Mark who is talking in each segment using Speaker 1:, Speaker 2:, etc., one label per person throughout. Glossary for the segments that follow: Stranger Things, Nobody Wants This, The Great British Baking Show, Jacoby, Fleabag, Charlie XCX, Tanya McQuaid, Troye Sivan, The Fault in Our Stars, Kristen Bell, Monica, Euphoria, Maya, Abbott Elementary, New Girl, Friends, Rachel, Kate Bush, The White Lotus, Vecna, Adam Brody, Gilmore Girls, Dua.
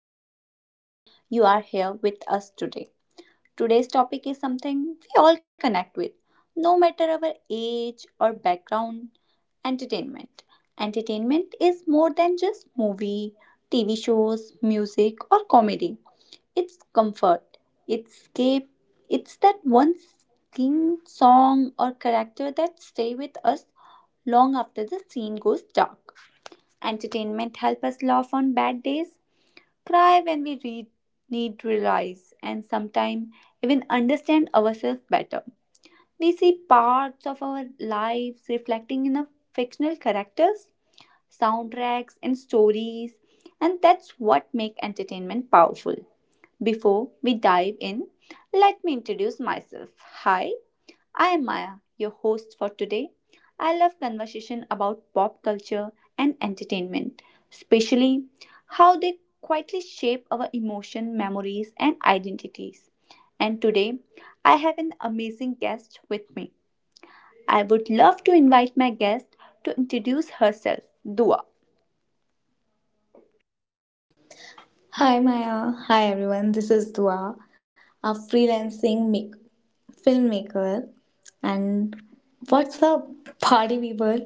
Speaker 1: I'm really happy you are here with us today. Today's topic is something we all connect with, no matter our age or background entertainment. Entertainment is more than just movie, TV shows, music, or comedy. It's comfort, it's escape, it's that one thing, song, or character that stay with us long after the scene goes dark. Entertainment helps us laugh on bad days, cry when we read, need to realize, and sometimes even understand ourselves better. We see parts of our lives reflecting in a fictional characters, soundtracks, and stories, and that's what makes entertainment powerful. Before we dive in, let me introduce myself. Hi, I am Maya, your host for today. I love conversation about pop culture and entertainment, especially how they quietly shape our emotion, memories, and identities. And today, I have an amazing guest with me. I would love to invite my guest to introduce herself, Dua.
Speaker 2: Hi Maya, hi everyone. This is Dua, a freelancing filmmaker. And what's up, party people?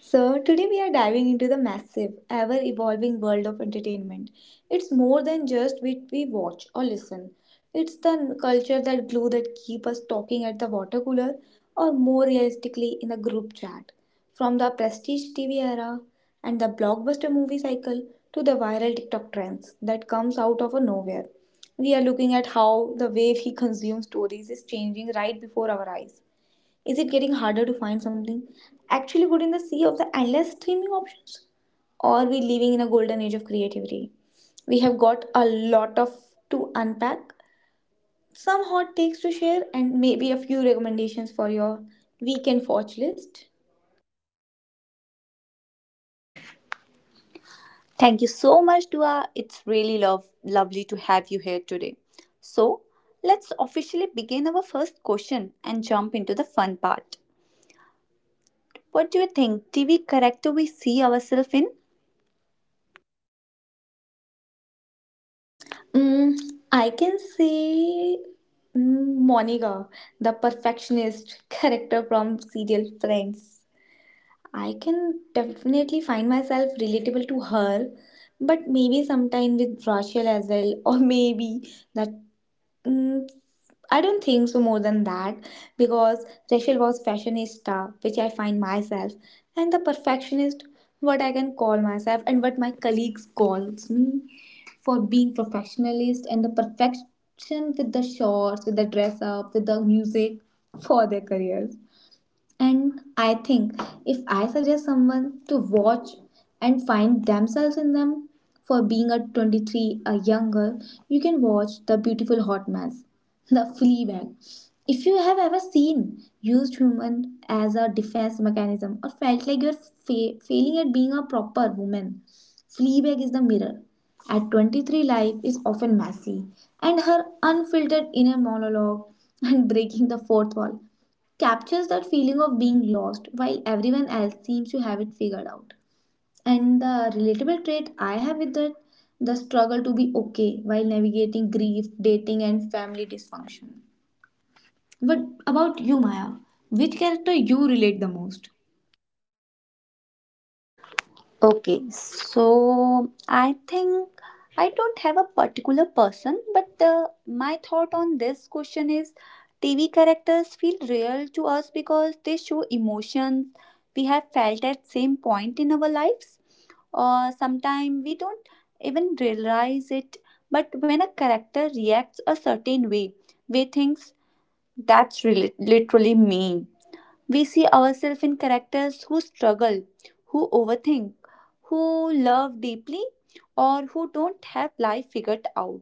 Speaker 2: So, today we are diving into the massive, ever evolving world of entertainment. It's more than just what we watch or listen, it's the culture that glue that keep us talking at the water cooler or more realistically in a group chat. From the prestige TV era and the blockbuster movie cycle to the viral TikTok trends that comes out of a nowhere, we are looking at how the way we consume stories is changing right before our eyes. Is it getting harder to find something actually good in the sea of the endless streaming options? Or are we living in a golden age of creativity? We have got a lot of to unpack, some hot takes to share, and maybe a few recommendations for your weekend watch list.
Speaker 1: Thank you so much, Dua. It's really lovely to have you here today. So, let's officially begin our first question and jump into the fun part. What do you think? Do we character we see ourselves in?
Speaker 2: Mm, I can say Monica, the perfectionist character from serial Friends. I can definitely find myself relatable to her, but maybe sometime with Rachel as well, or maybe that. Mm, I don't think so more than that because Rachel was fashionista, which I find myself, and the perfectionist, what I can call myself and what my colleagues calls me for being professionalist and the perfection with the shorts, with the dress up, with the music for their careers. And I think if I suggest someone to watch and find themselves in them, for being a 23, a young girl, you can watch The Beautiful Hot Mess, The Fleabag. If you have ever seen used human as a defense mechanism or felt like you're failing at being a proper woman, Fleabag is the mirror. At 23, life is often messy, and her unfiltered inner monologue and breaking the fourth wall captures that feeling of being lost while everyone else seems to have it figured out. And the relatable trait I have with that the struggle to be okay while navigating grief, dating, and family dysfunction. What about you, Maya? Which character you relate the most?
Speaker 1: Okay, so I think I don't have a particular person, but my thought on this question is TV characters feel real to us because they show emotions we have felt at same point in our lives, or sometimes we don't even realize it. But when a character reacts a certain way we think, that's really literally me. We see ourselves in characters who struggle, who overthink, who love deeply, or who don't have life figured out.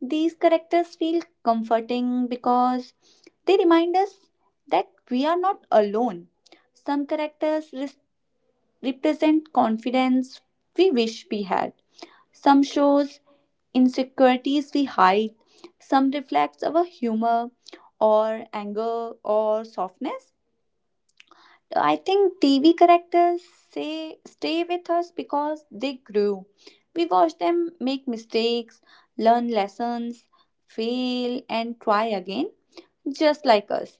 Speaker 1: These characters feel comforting because they remind us that we are not alone. Some characters represent confidence we wish we had. Some shows insecurities we hide. Some reflects our humor or anger or softness. I think TV characters say stay with us because they grew. We watch them make mistakes, learn lessons, fail and try again, just like us.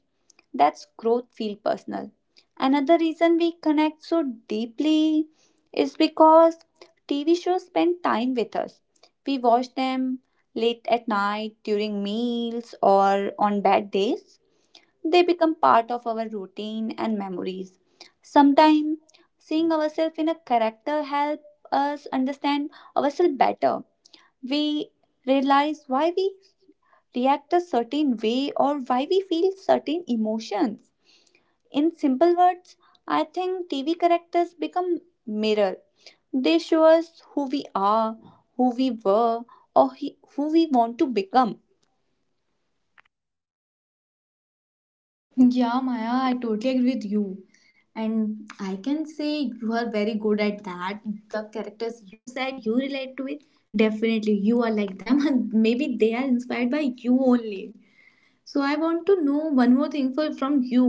Speaker 1: That's growth feel personal. Another reason we connect so deeply is because TV shows spend time with us. We watch them late at night during meals or on bad days. They become part of our routine and memories. Sometimes seeing ourselves in a character helps us understand ourselves better. We realize why we react a certain way or why we feel certain emotions. In simple words, I think TV characters become mirror. They show us who we are, who we were, or who we want to become.
Speaker 2: Yeah, Maya, I totally agree with you. And I can say you are very good at that. The characters you said you relate to it, definitely you are like them. And maybe they are inspired by you only. So I want to know one more thing for from you.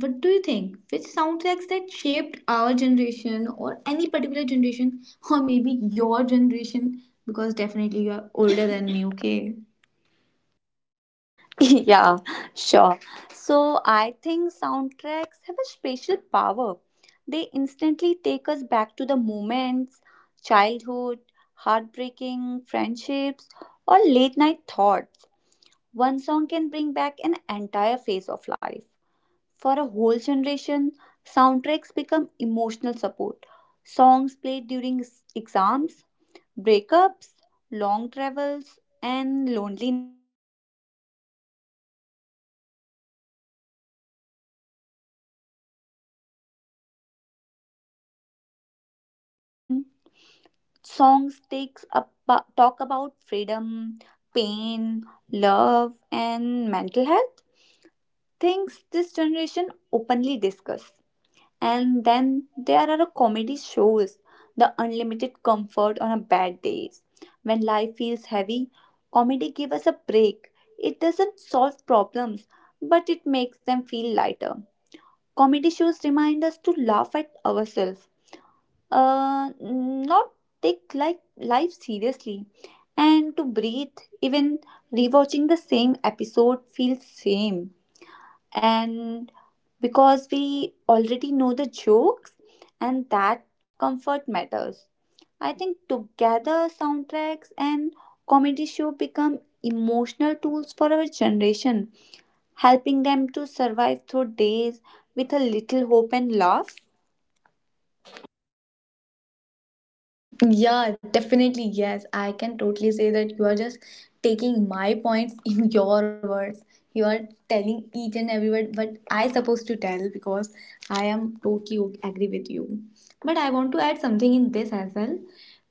Speaker 2: What do you think? Which soundtracks that shaped our generation or any particular generation or maybe your generation? Because definitely you are older than me, okay?
Speaker 1: Yeah, sure. So I think soundtracks have a special power. They instantly take us back to the moments, childhood, heartbreaking friendships, or late night thoughts. One song can bring back an entire phase of life. For a whole generation, soundtracks become emotional support. Songs played during exams, breakups, long travels, and lonely nights, they help people feel understood when words fail. I think music also reflects society. Lyrics change as a person. Songs takes up, talk about freedom, pain, love, and mental health. Things this generation openly discuss. And then there are comedy shows, the unlimited comfort on a bad days. When life feels heavy, comedy gives us a break. It doesn't solve problems, but it makes them feel lighter. Comedy shows remind us to laugh at ourselves, not take like life seriously, and to breathe. Even rewatching the same episode feels same, and because we already know the jokes, and that comfort matters. I think together soundtracks and comedy show become emotional tools for our generation, helping them to survive through days with a little hope and love.
Speaker 2: Yeah, definitely. Yes, I can totally say that you are just taking my points in your words. You are telling each and every word, but I supposed to tell because I am totally agree with you. But I want to add something in this as well.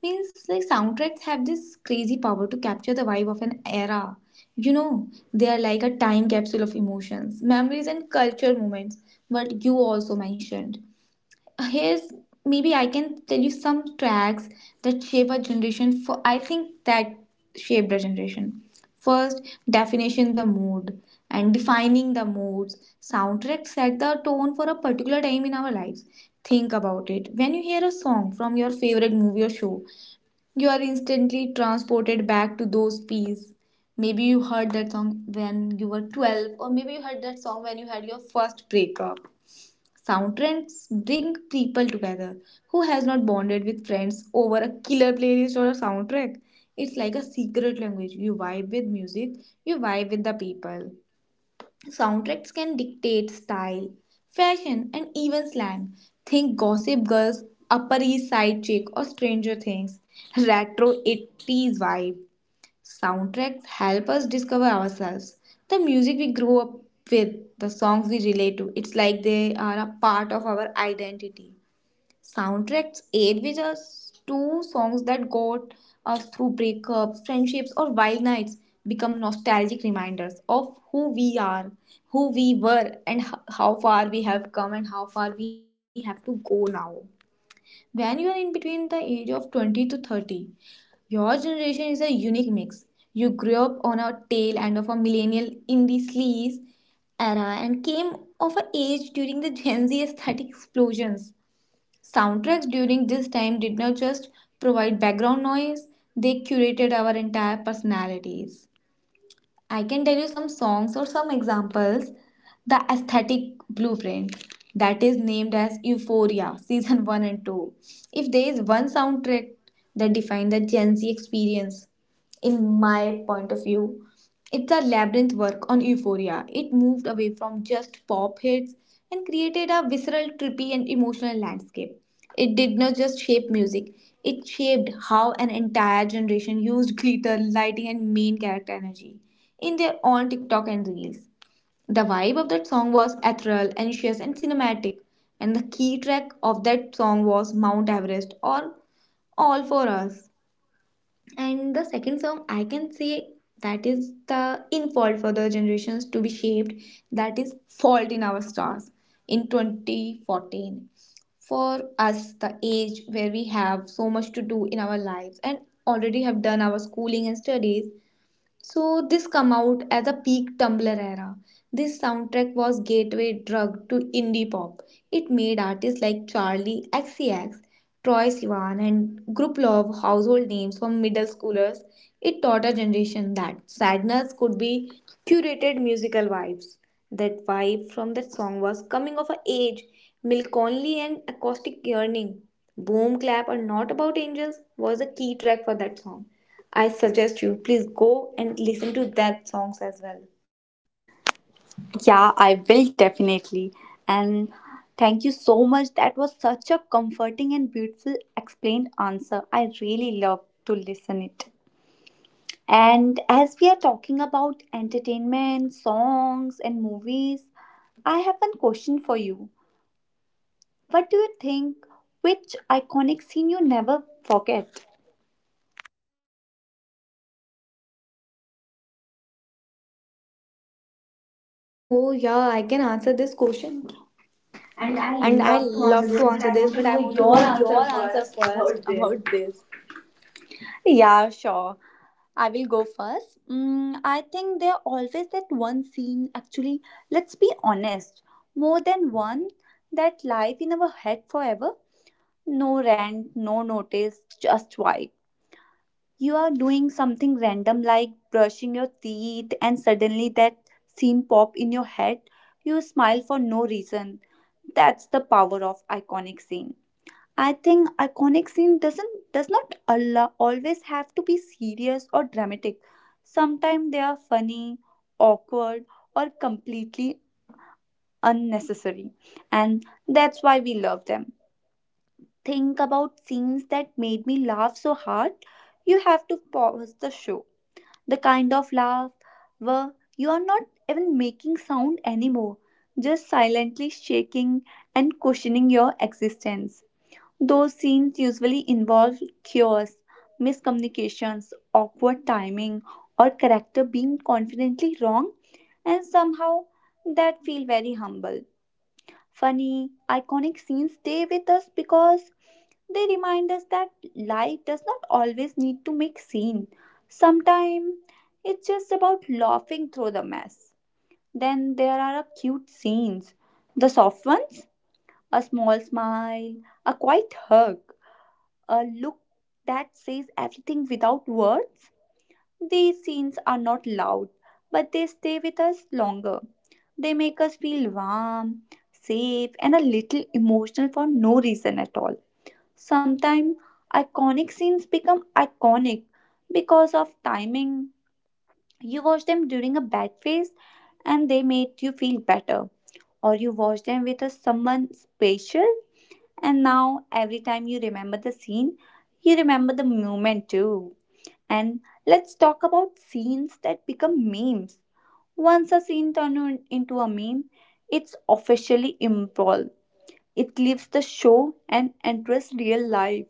Speaker 2: Means like soundtracks have this crazy power to capture the vibe of an era. You know, they are like a time capsule of emotions, memories, and cultural moments. But you also mentioned here's maybe I can tell you some tracks that shape our generation for I think that shaped our generation. First, definition the mood and defining the moods. Soundtrack set the tone for a particular time in our lives. Think about it. When you hear a song from your favorite movie or show, you are instantly transported back to those fees. Maybe you heard that song when you were 12, or maybe you heard that song when you had your first breakup. Soundtracks bring people together. Who has not bonded with friends over a killer playlist or a soundtrack? It's like a secret language. You vibe with music, you vibe with the people. Soundtracks can dictate style, fashion, and even slang. Think Gossip Girls, Upper East Side Chick, or Stranger Things. Retro 80s vibe. Soundtracks help us discover ourselves. The music we grew up with, the songs we relate to, it's like they are a part of our identity. Soundtracks aid with us to songs that got us through breakups, friendships, or wild nights become nostalgic reminders of who we are, who we were, and how far we have come and how far we have to go now. When you are in between the age of 20 to 30, your generation is a unique mix. You grew up on a tail end of a millennial in the sleaze era and came of an age during the Gen Z aesthetic explosions. Soundtracks during this time did not just provide background noise, they curated our entire personalities. I can tell you some songs or some examples. The Aesthetic Blueprint, that is named as Euphoria Season 1 and 2. If there is one soundtrack that defined the Gen Z experience, in my point of view, it's a labyrinth work on euphoria. It moved away from just pop hits and created a visceral, trippy, and emotional landscape. It did not just shape music, it shaped how an entire generation used glitter, lighting, and main character energy in their own TikTok and Reels. The vibe of that song was ethereal, anxious, and cinematic, and the key track of that song was Mount Everest or All for Us. And the second song I can say that is the in fault for the generations to be shaped, that is fault in our stars in 2014. For us the age where we have so much to do in our lives and already have done our schooling and studies, so this come out as a peak Tumblr era. This soundtrack was gateway drug to indie pop. It made artists like Charlie XCX, Troye Sivan and Gruplov household names for middle schoolers. It taught a generation that sadness could be curated musical vibes. That vibe from that song was coming of age, Milk Only and acoustic yearning. Boom clap are not about angels was a key track for that song. I suggest you please go and listen to that songs as well.
Speaker 1: Yeah, I will definitely. And thank you so much, that was such a comforting and beautiful explained answer. I really love to listen it. And as we are talking about entertainment, songs, and movies, I have one question for you. What do you think? Which iconic scene you never forget?
Speaker 2: Oh yeah, I can answer this question.
Speaker 1: And I
Speaker 2: And I
Speaker 1: love to answer
Speaker 2: love to
Speaker 1: this, but
Speaker 2: answer
Speaker 1: I
Speaker 2: this,
Speaker 1: want to
Speaker 2: but I
Speaker 1: know
Speaker 2: want to
Speaker 1: your
Speaker 2: know your
Speaker 1: answer
Speaker 2: answer
Speaker 1: first
Speaker 2: first
Speaker 1: about this.
Speaker 2: about this.
Speaker 1: Yeah, sure. I will go first. Mm, I think there always that one scene, actually, let's be honest, more than one that live in our head forever. No rent, no notice, just why. You are doing something random like brushing your teeth, and suddenly that scene pop in your head. You smile for no reason. That's the power of iconic scene. I think iconic scene does not always have to be serious or dramatic. Sometimes they are funny, awkward, or completely unnecessary, and that's why we love them. Think about scenes that made me laugh so hard. You have to pause the show, the kind of laugh where you are not even making sound anymore, just silently shaking and questioning your existence. Those scenes usually involve chaos, miscommunications, awkward timing, or character being confidently wrong, and somehow that feel very humble. Funny, iconic scenes stay with us because they remind us that life does not always need to make scene. Sometimes it's just about laughing through the mess. Then there are a cute scenes. The soft ones, a small smile, a quiet hug, a look that says everything without words. These scenes are not loud, but they stay with us longer. They make us feel warm, safe, and a little emotional for no reason at all. Sometimes iconic scenes become iconic because of timing. You watch them during a bad phase and they made you feel better. Or you watch them with a someone special, and now every time you remember the scene, you remember the moment too. And let's talk about scenes that become memes. Once a scene turned into a meme, it's officially improv. It leaves the show and enters real life.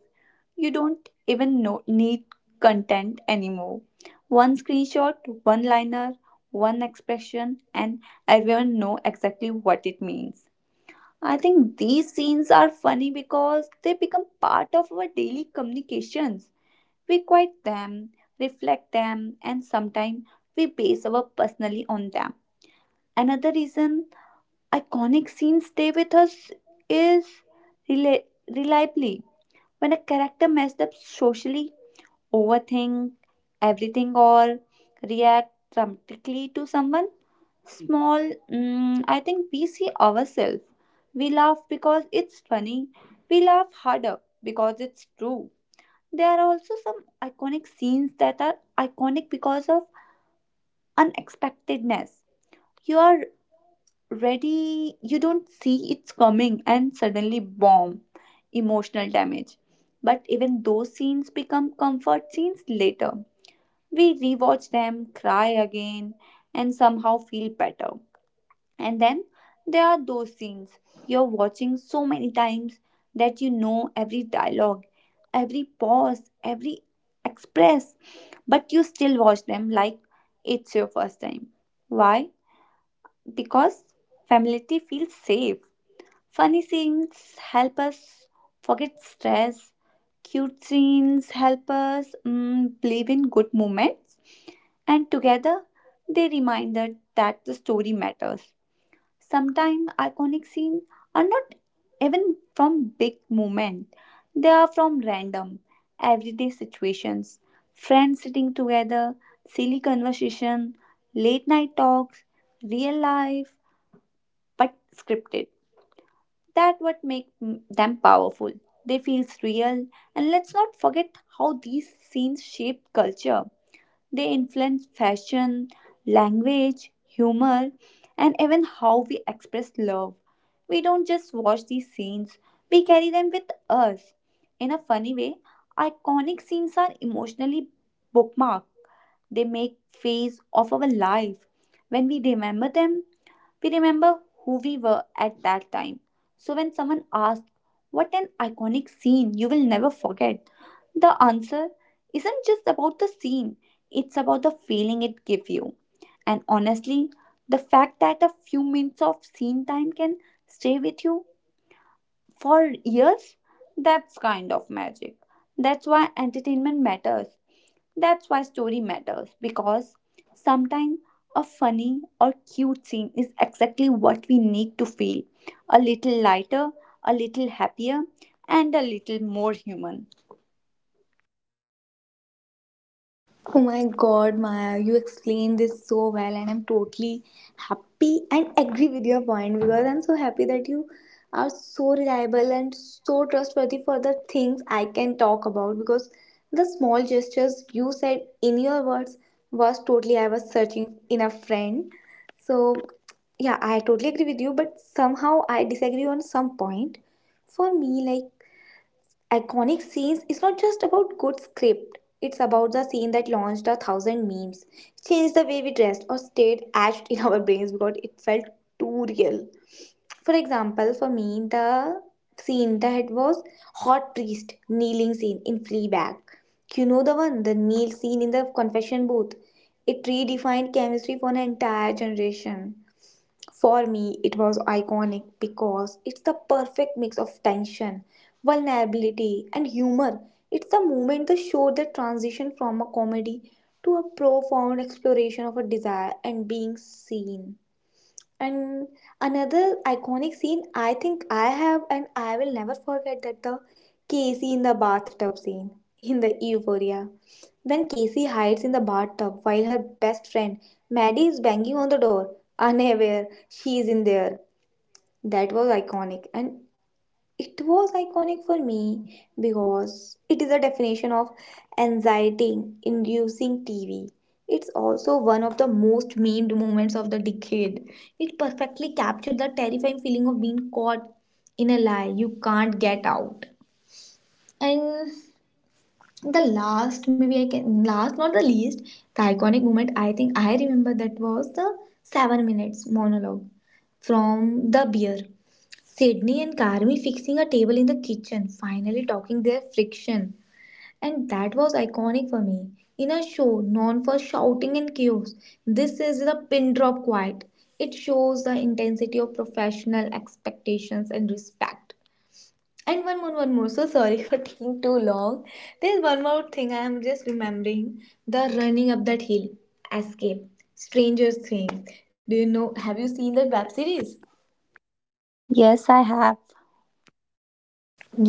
Speaker 1: You don't even know, need content anymore. One screenshot, one liner, one expression, and everyone know exactly what it means. I think these scenes are funny because they become part of our daily communications. We quote them, reflect them, and sometimes we base our personally on them. Another reason iconic scenes stay with us is rela- reliably. When a character messed up socially, overthink everything, or react dramatically to someone small, mm, I think we see ourselves. We laugh because it's funny. We laugh harder because it's true. There are also some iconic scenes that are iconic because of unexpectedness. You are ready, you don't see it's coming, and suddenly, bomb, emotional damage. But even those scenes become comfort scenes later. We rewatch them, cry again, and somehow feel better. And then there are those scenes you're watching so many times that you know every dialogue, every pause, every express, but you still watch them like it's your first time. Why? Because familiarity feels safe. Funny scenes help us forget stress. Cute scenes help us believe in good moments. And together, they remind us that the story matters. Sometimes iconic scenes are not even from big moments, they are from random, everyday situations. Friends sitting together, silly conversation, late night talks, real life, but scripted. That what makes them powerful. They feels real, and let's not forget how these scenes shape culture. They influence fashion, language, humor, and even how we express love. We don't just watch these scenes, we carry them with us. In a funny way, iconic scenes are emotionally bookmarked. They make phase of our life. When we remember them, we remember who we were at that time. So when someone asks, what an iconic scene you will never forget, the answer isn't just about the scene, it's about the feeling it gives you. And honestly, the fact that a few minutes of scene time can stay with you for years, that's kind of magic. That's why entertainment matters. That's why story matters, because sometimes a funny or cute scene is exactly what we need to feel a little lighter, a little happier, and a little more human.
Speaker 2: Oh my god, Maya, you explained this so well, and I'm totally happy and agree with your point because I'm so happy that you are so reliable and so trustworthy for the things I can talk about because the small gestures you said in your words was totally I was searching in a friend. So, yeah, I totally agree with you, but somehow I disagree on some point. For me, like iconic scenes is not just about good script. It's about the scene that launched a thousand memes, changed the way we dressed, or stayed etched in our brains because it felt too real. For example, for me, the scene that was hot priest kneeling scene in Fleabag. You know the one, the kneel scene in the confession booth. It redefined chemistry for an entire generation. For me, it was iconic because it's the perfect mix of tension, vulnerability, and humor. It's the moment the show that transition from a comedy to a profound exploration of a desire and being seen. And another iconic scene I think I have and I will never forget that the Casey in the bathtub scene in the Euphoria. When Casey hides in the bathtub while her best friend Maddie is banging on the door, unaware she is in there. That was iconic and it was iconic for me because it is a definition of anxiety inducing TV. It's also one of the most memed moments of the decade. It perfectly captured the terrifying feeling of being caught in a lie you can't get out. And the last, maybe I can, last not the least, the iconic moment I think I remember that was the 7 minutes monologue from the beer Sydney and Carmi fixing a table in the kitchen, finally talking their friction. And that was iconic for me. In a show known for shouting and chaos, this is the pin drop quiet. It shows the intensity of professional expectations and respect. And one more, one more. So sorry for taking too long. There's one more thing I am just remembering the running up that hill. Escape. Stranger Things. Do you know? Have you seen that web series?
Speaker 1: Yes, I have.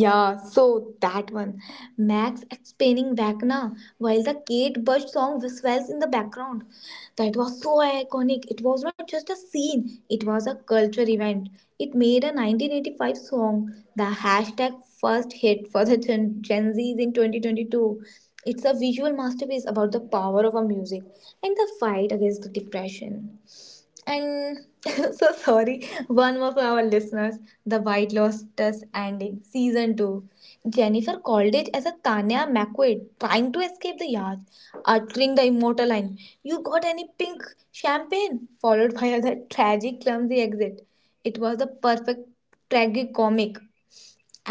Speaker 2: Yeah, so that one. Max explaining Vecna while the Kate Bush song swells in the background. That was so iconic. It was not just a scene, it was a culture event. It made a 1985 song the hashtag first hit for the Gen Zs in 2022. It's a visual masterpiece about the power of our music and the fight against the depression. And so sorry, one more for our listeners. The White Lotus ending, season two. Jennifer called it as a Tanya McQuaid trying to escape the yard, uttering the immortal line, You got any pink champagne? Followed by a tragic, clumsy exit. It was the perfect tragicomic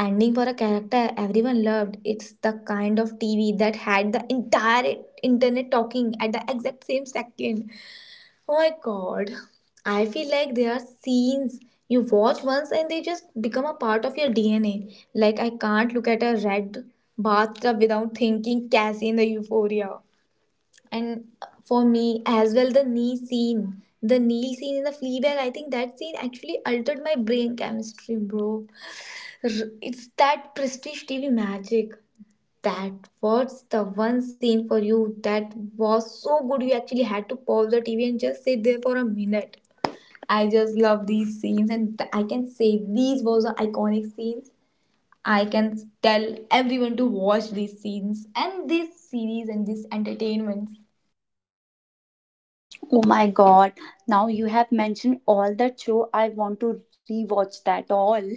Speaker 2: ending for a character everyone loved. It's the kind of TV that had the entire internet talking at the exact same second. Oh my god. I feel like there are scenes you watch once and they just become a part of your DNA. Like I can't look at a red bathtub without thinking Cassie in the euphoria. And for me as well, the knee scene. The knee scene in the Fleabag, I think that scene actually altered my brain chemistry, bro. It's that prestige TV magic. That was the one scene for you that was so good you actually had to pause the TV and just sit there for a minute. I just love these scenes, and I can say these was the iconic scenes. I can tell everyone to watch these scenes and this series and this entertainment.
Speaker 1: Oh my god. Now you have mentioned all that show. I want to rewatch that all.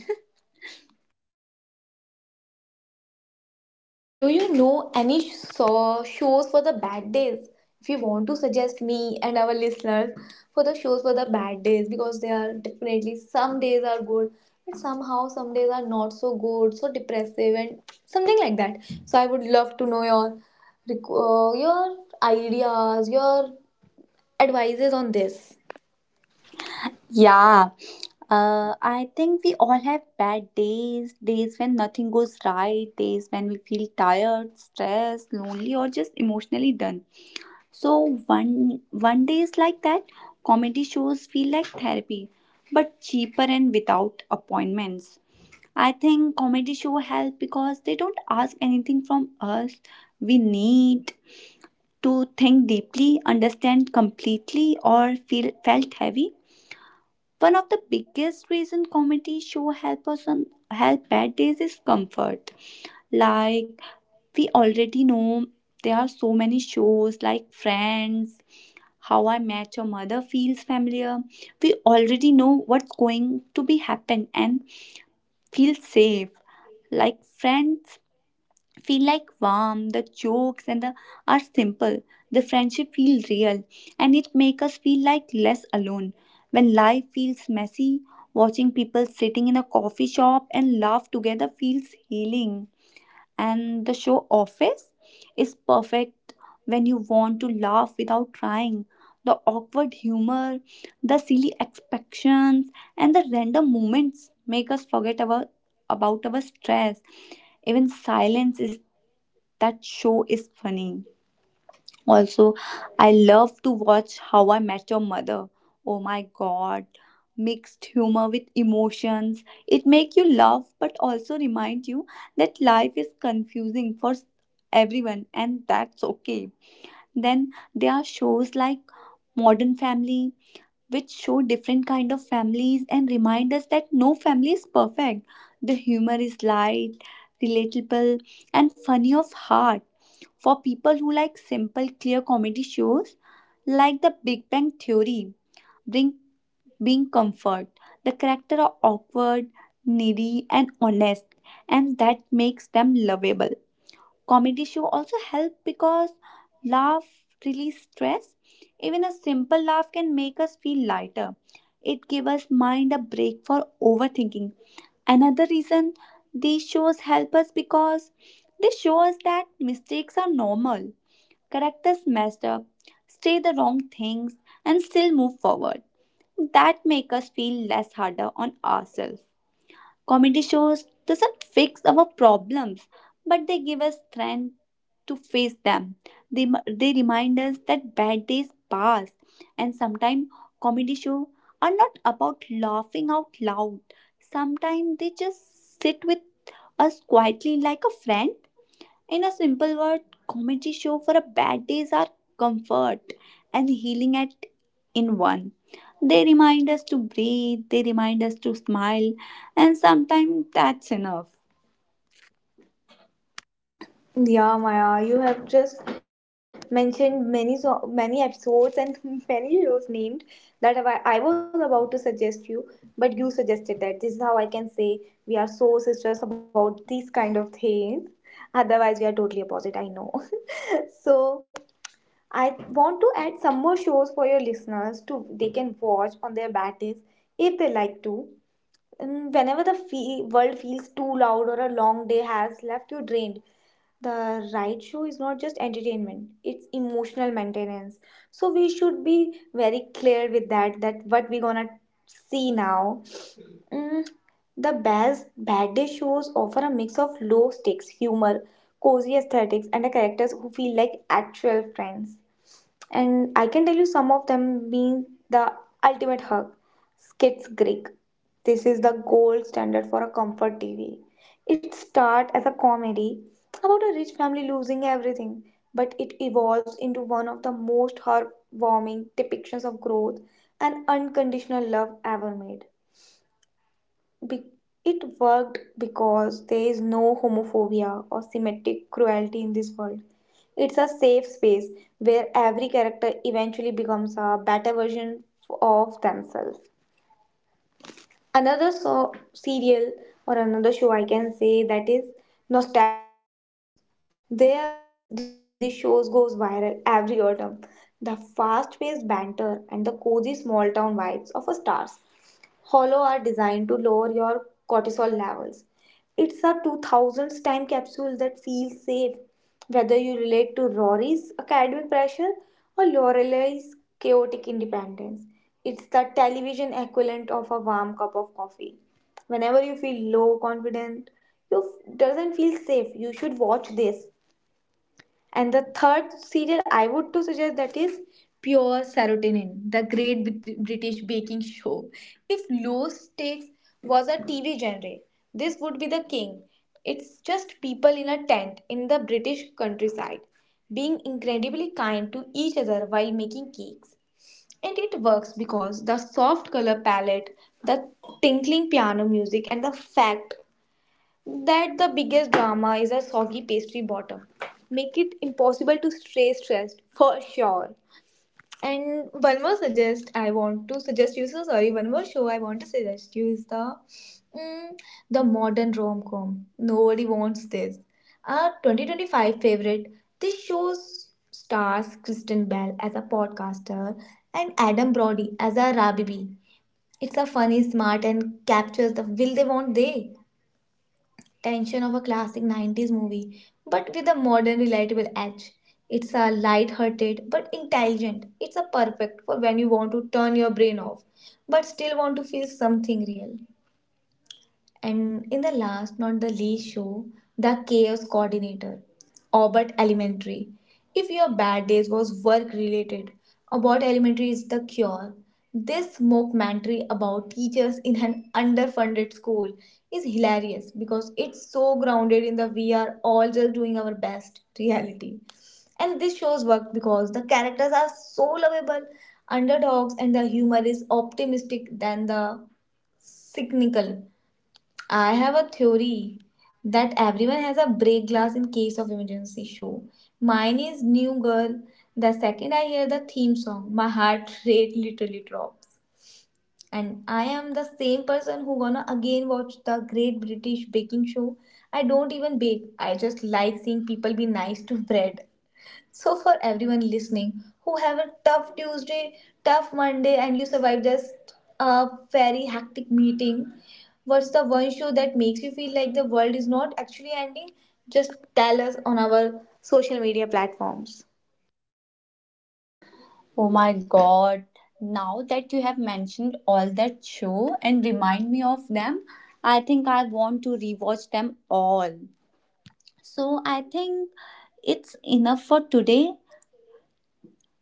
Speaker 2: Do you know any shows for the bad days? If you want to suggest me and our listeners for the shows for the bad days, because they are definitely some days are good, but somehow some days are not so good, so depressive and something like that. So I would love to know your your ideas, your advices on this.
Speaker 1: Yeah. I think we all have bad days, days when nothing goes right, days when we feel tired, stressed, lonely, or just emotionally done. So one day is like that. Comedy shows feel like therapy, but cheaper and without appointments. I think comedy show help because they don't ask anything from us. We need to think deeply, understand completely, or feel felt heavy. One of the biggest reason comedy show help us on help bad days is comfort. Like we already know there are so many shows like Friends, How I Met Your Mother feels familiar. We already know what's going to be happen and feel safe. Like friends feel like warm, the jokes and the are simple. The friendship feel real and it make us feel like less alone. When life feels messy, watching people sitting in a coffee shop and laugh together feels healing, and the show Office is perfect when you want to laugh without trying. The awkward humor, the silly expectations, and the random moments make us forget our, about our stress. Even silence is that show is funny. Also, I love to watch How I Met Your Mother. Oh my god, mixed humor with emotions. It make you laugh but also remind you that life is confusing for everyone, and that's okay. Then there are shows like Modern Family which show different kind of families and remind us that no family is perfect. The humor is light, relatable and funny of heart. For people who like simple, clear comedy shows, like the Big Bang Theory, bring being comfort. The characters are awkward, needy, and honest, and that makes them lovable. Comedy show also help because laugh release stress. Even a simple laugh can make us feel lighter. It give us mind a break for overthinking. Another reason these shows help us because they show us that mistakes are normal. Characters mess up, say the wrong things, and still move forward. That make us feel less harder on ourselves. Comedy shows doesn't fix our problems, but they give us strength to face them. They remind us that bad days pass, and sometimes comedy shows are not about laughing out loud. Sometimes they just sit with us quietly like a friend. In a simple word, comedy show for a bad days are comfort and healing at in one. They remind us to breathe, they remind us to smile, and sometimes that's enough.
Speaker 2: Yeah, Maya, you have just mentioned many so many episodes and many shows named that I was about to suggest you, but you suggested that. This is how I can say we are so sisters about these kind of things. Otherwise, we are totally opposite. I know. So I want to add some more shows for your listeners to they can watch on their bad days if they like to. And whenever the world feels too loud or a long day has left you drained, the right show is not just entertainment, it's emotional maintenance. So we should be very clear with that, that what we gonna see now. Mm, the best bad day shows offer a mix of low stakes humor, cozy aesthetics, and the characters who feel like actual friends. And I can tell you some of them being the ultimate hug. Skits Greek. This is the gold standard for a comfort TV. It starts as a comedy about a rich family losing everything, but it evolves into one of the most heartwarming depictions of growth and unconditional love ever made. Be- it worked because there is no homophobia or symmetric cruelty in this world. It's a safe space where every character eventually becomes a better version of themselves. Another serial or another show I can say that is Nostalgic Sweeters. There are reasons this shows goes viral every autumn. The fast-paced banter and the cozy small-town vibes of a stars. Hollow are designed to lower your cortisol levels. It's a 2000th time capsule that feels safe, whether you relate to Rory's academic pressure or Lorelei's chaotic independence. It's the television equivalent of a warm cup of coffee. Whenever you feel low confident, you doesn't feel safe. You should watch this. And the third serial I would to suggest that is Pure Serotonin, the Great British Baking Show. If low stakes was a TV genre, this would be the king. It's just people in a tent in the British countryside being incredibly kind to each other while making cakes. And it works because the soft color palette, the tinkling piano music, and the fact that the biggest drama is a soggy pastry bottom. Make it impossible to stay stressed for sure. And one more suggest I want to suggest you. So sorry, one more show I want to suggest you is the mm, the modern rom com. Nobody wants this. Our 2025 favorite. This shows stars Kristen Bell as a podcaster and Adam Brody as a Rabibi. It's a funny, smart, and captures the will they won't they tension of a classic 90s movie, but with a modern relatable edge. It's a light-hearted but intelligent. It's a perfect for when you want to turn your brain off, but still want to feel something real. And in the last, not the least show, the chaos coordinator, Abbott Elementary. If your bad days was work related, Abbott Elementary is the cure. This mockumentary about teachers in an underfunded school is hilarious because it's so grounded in the we are all just doing our best reality. And this shows work because the characters are so lovable, underdogs, and the humor is optimistic than the cynical. I have a theory that everyone has a break glass in case of emergency show. Mine is New Girl. The second I hear the theme song, my heart rate literally drops. And I am the same person who gonna again watch the Great British Baking Show. I don't even bake. I just like seeing people be nice to bread. So for everyone listening who have a tough Tuesday, tough Monday, and you survive this very hectic meeting, what's the one show that makes you feel like the world is not actually ending? Just tell us on our social media platforms.
Speaker 1: Oh my god. Now that you have mentioned all that show and remind me of them, I think I want to rewatch them all. So I think it's enough for today.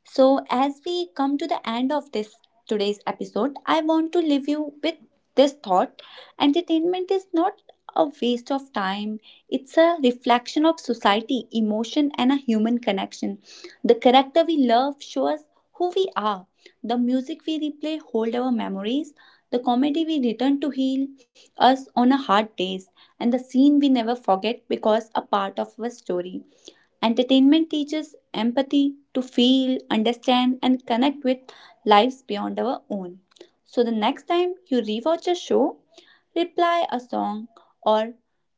Speaker 1: So, as we come to the end of this today's episode, I want to leave you with this thought. Entertainment is not a waste of time, it's a reflection of society, emotion, and a human connection. The character we love shows who we are, the music we replay hold our memories. The comedy we return to heal us on a hard days, and the scene we never forget because a part of our story. Entertainment teaches empathy to feel, understand, and connect with lives beyond our own. So the next time you rewatch a show, reply a song, or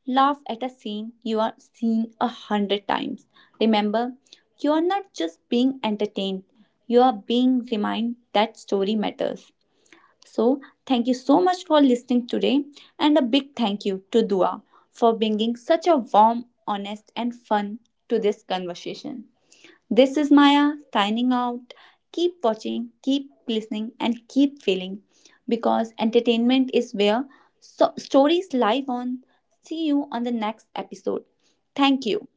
Speaker 1: laugh at a scene you are seeing a hundred times. Remember, you are not just being entertained, you are being reminded that story matters. So, thank you so much for listening today, and a big thank you to Dua for bringing such a warm, honest, and fun to this conversation. This is Maya signing out. Keep watching, keep listening, and keep feeling because entertainment is where stories live on. See you on the next episode. Thank you.